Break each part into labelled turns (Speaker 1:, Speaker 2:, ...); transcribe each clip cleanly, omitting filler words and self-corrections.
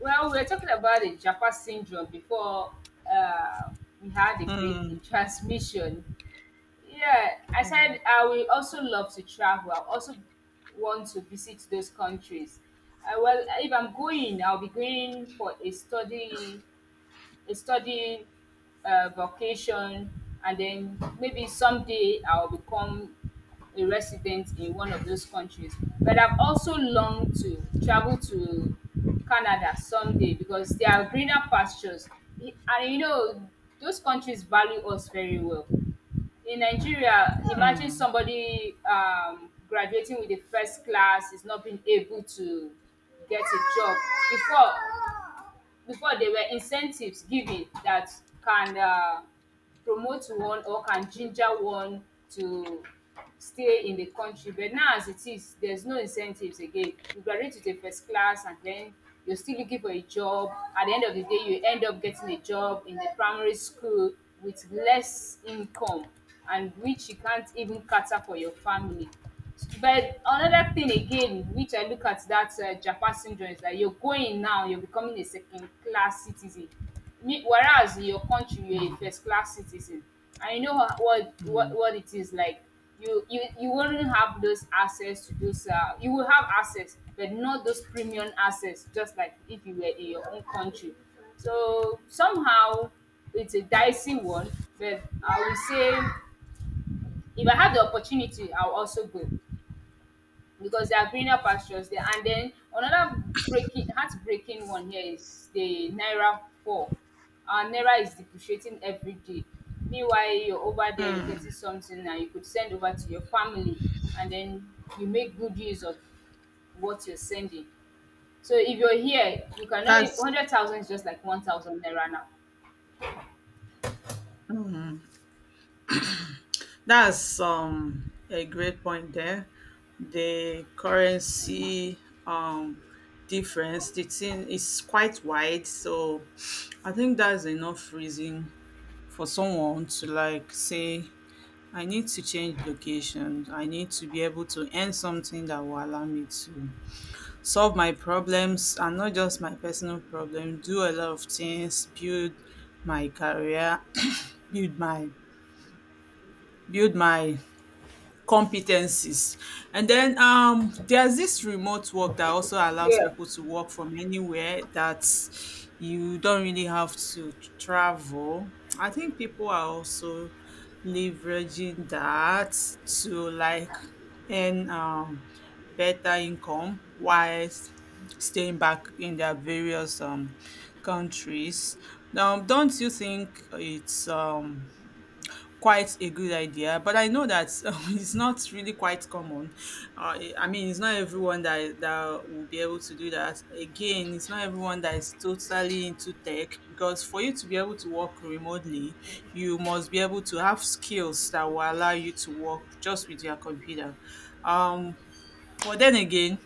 Speaker 1: Well, we were talking about the Japa syndrome before uh, we had a break in
Speaker 2: Mm,
Speaker 1: transmission. Yeah, I said I will also love to travel. I also want to visit those countries. Well, if I'm going, I'll be going for a study studying vocation, and then maybe someday I'll become a resident in one of those countries. But I've also longed to travel to Canada someday because there are greener pastures. And those countries value us very well. In Nigeria, imagine
Speaker 2: mm.
Speaker 1: somebody graduating with a first class is not being able to get a job. Before, before, there were incentives given that can promote one or can ginger one to stay in the country, but now, as it is, there's no incentives again. You graduate with a first class and then you're still looking for a job. At the end of the day you end up getting a job in the primary school with less income, and which you can't even cater for your family. But another thing again which I look at that Japa syndrome is that you're going now, you're becoming a second class citizen. Me, whereas in your country you're a first class citizen and you know what it is like. You wouldn't have those access to those. You will have access, but not those premium access, just like if you were in your own country. So somehow it's a dicey one, but I will say if I have the opportunity I'll also go because they are greener pastures there. And then another heartbreaking one here is the naira fall. Our naira is depreciating every day. Meanwhile, you're over there, you're getting something and you could send over to your family, and then you make good use of what you're sending. So if you're here, you cannot,
Speaker 2: That's
Speaker 1: 100,000 is just like 1,000 naira now.
Speaker 2: that's a great point there. The currency difference, the thing is quite wide, so I think that's enough reason for someone to like say I need to change location. I need to be able to earn something that will allow me to solve my problems and not just my personal problem, do a lot of things, build my career, build my build my competencies. And then there's this remote work that also allows
Speaker 1: Yeah.
Speaker 2: people to work from anywhere, that you don't really have to travel. I think people are also leveraging that to like earn better income whilst staying back in their various countries. Now, don't you think it's quite a good idea? But I know that it's not really quite common. I mean, it's not everyone that will be able to do that. Again, it's not everyone that is totally into tech, because for you to be able to work remotely, you must be able to have skills that will allow you to work just with your computer. Um, but then again,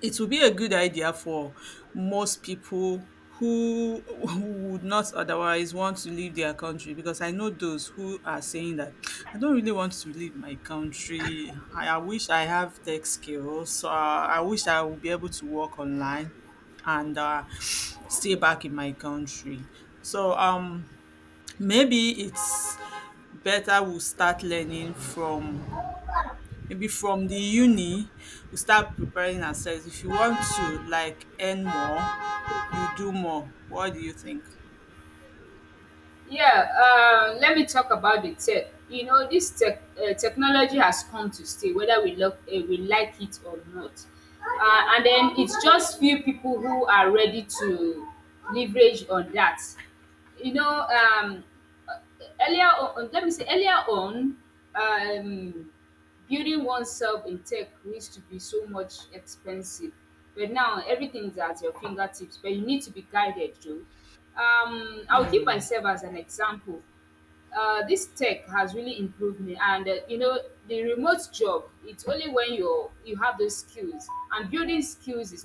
Speaker 2: it would be a good idea for most people who who would not otherwise want to leave their country, because I know those who are saying that I don't really want to leave my country. I wish I have tech skills. So I wish I would be able to work online and stay back in my country. So maybe it's better we start learning from, maybe from the uni, we start preparing ourselves. If you want to like earn more, you do more. What do you think?
Speaker 1: Yeah, let me talk about the tech. You know, this technology has come to stay, whether we like it or not. And then it's just few people who are ready to leverage on that. You know, earlier on, let me say earlier on, um, building oneself in tech used to be so much expensive, but now everything's at your fingertips. But you need to be guided too. I'll give myself as an example. This tech has really improved me, and the remote job, it's only when you have those skills, and building skills is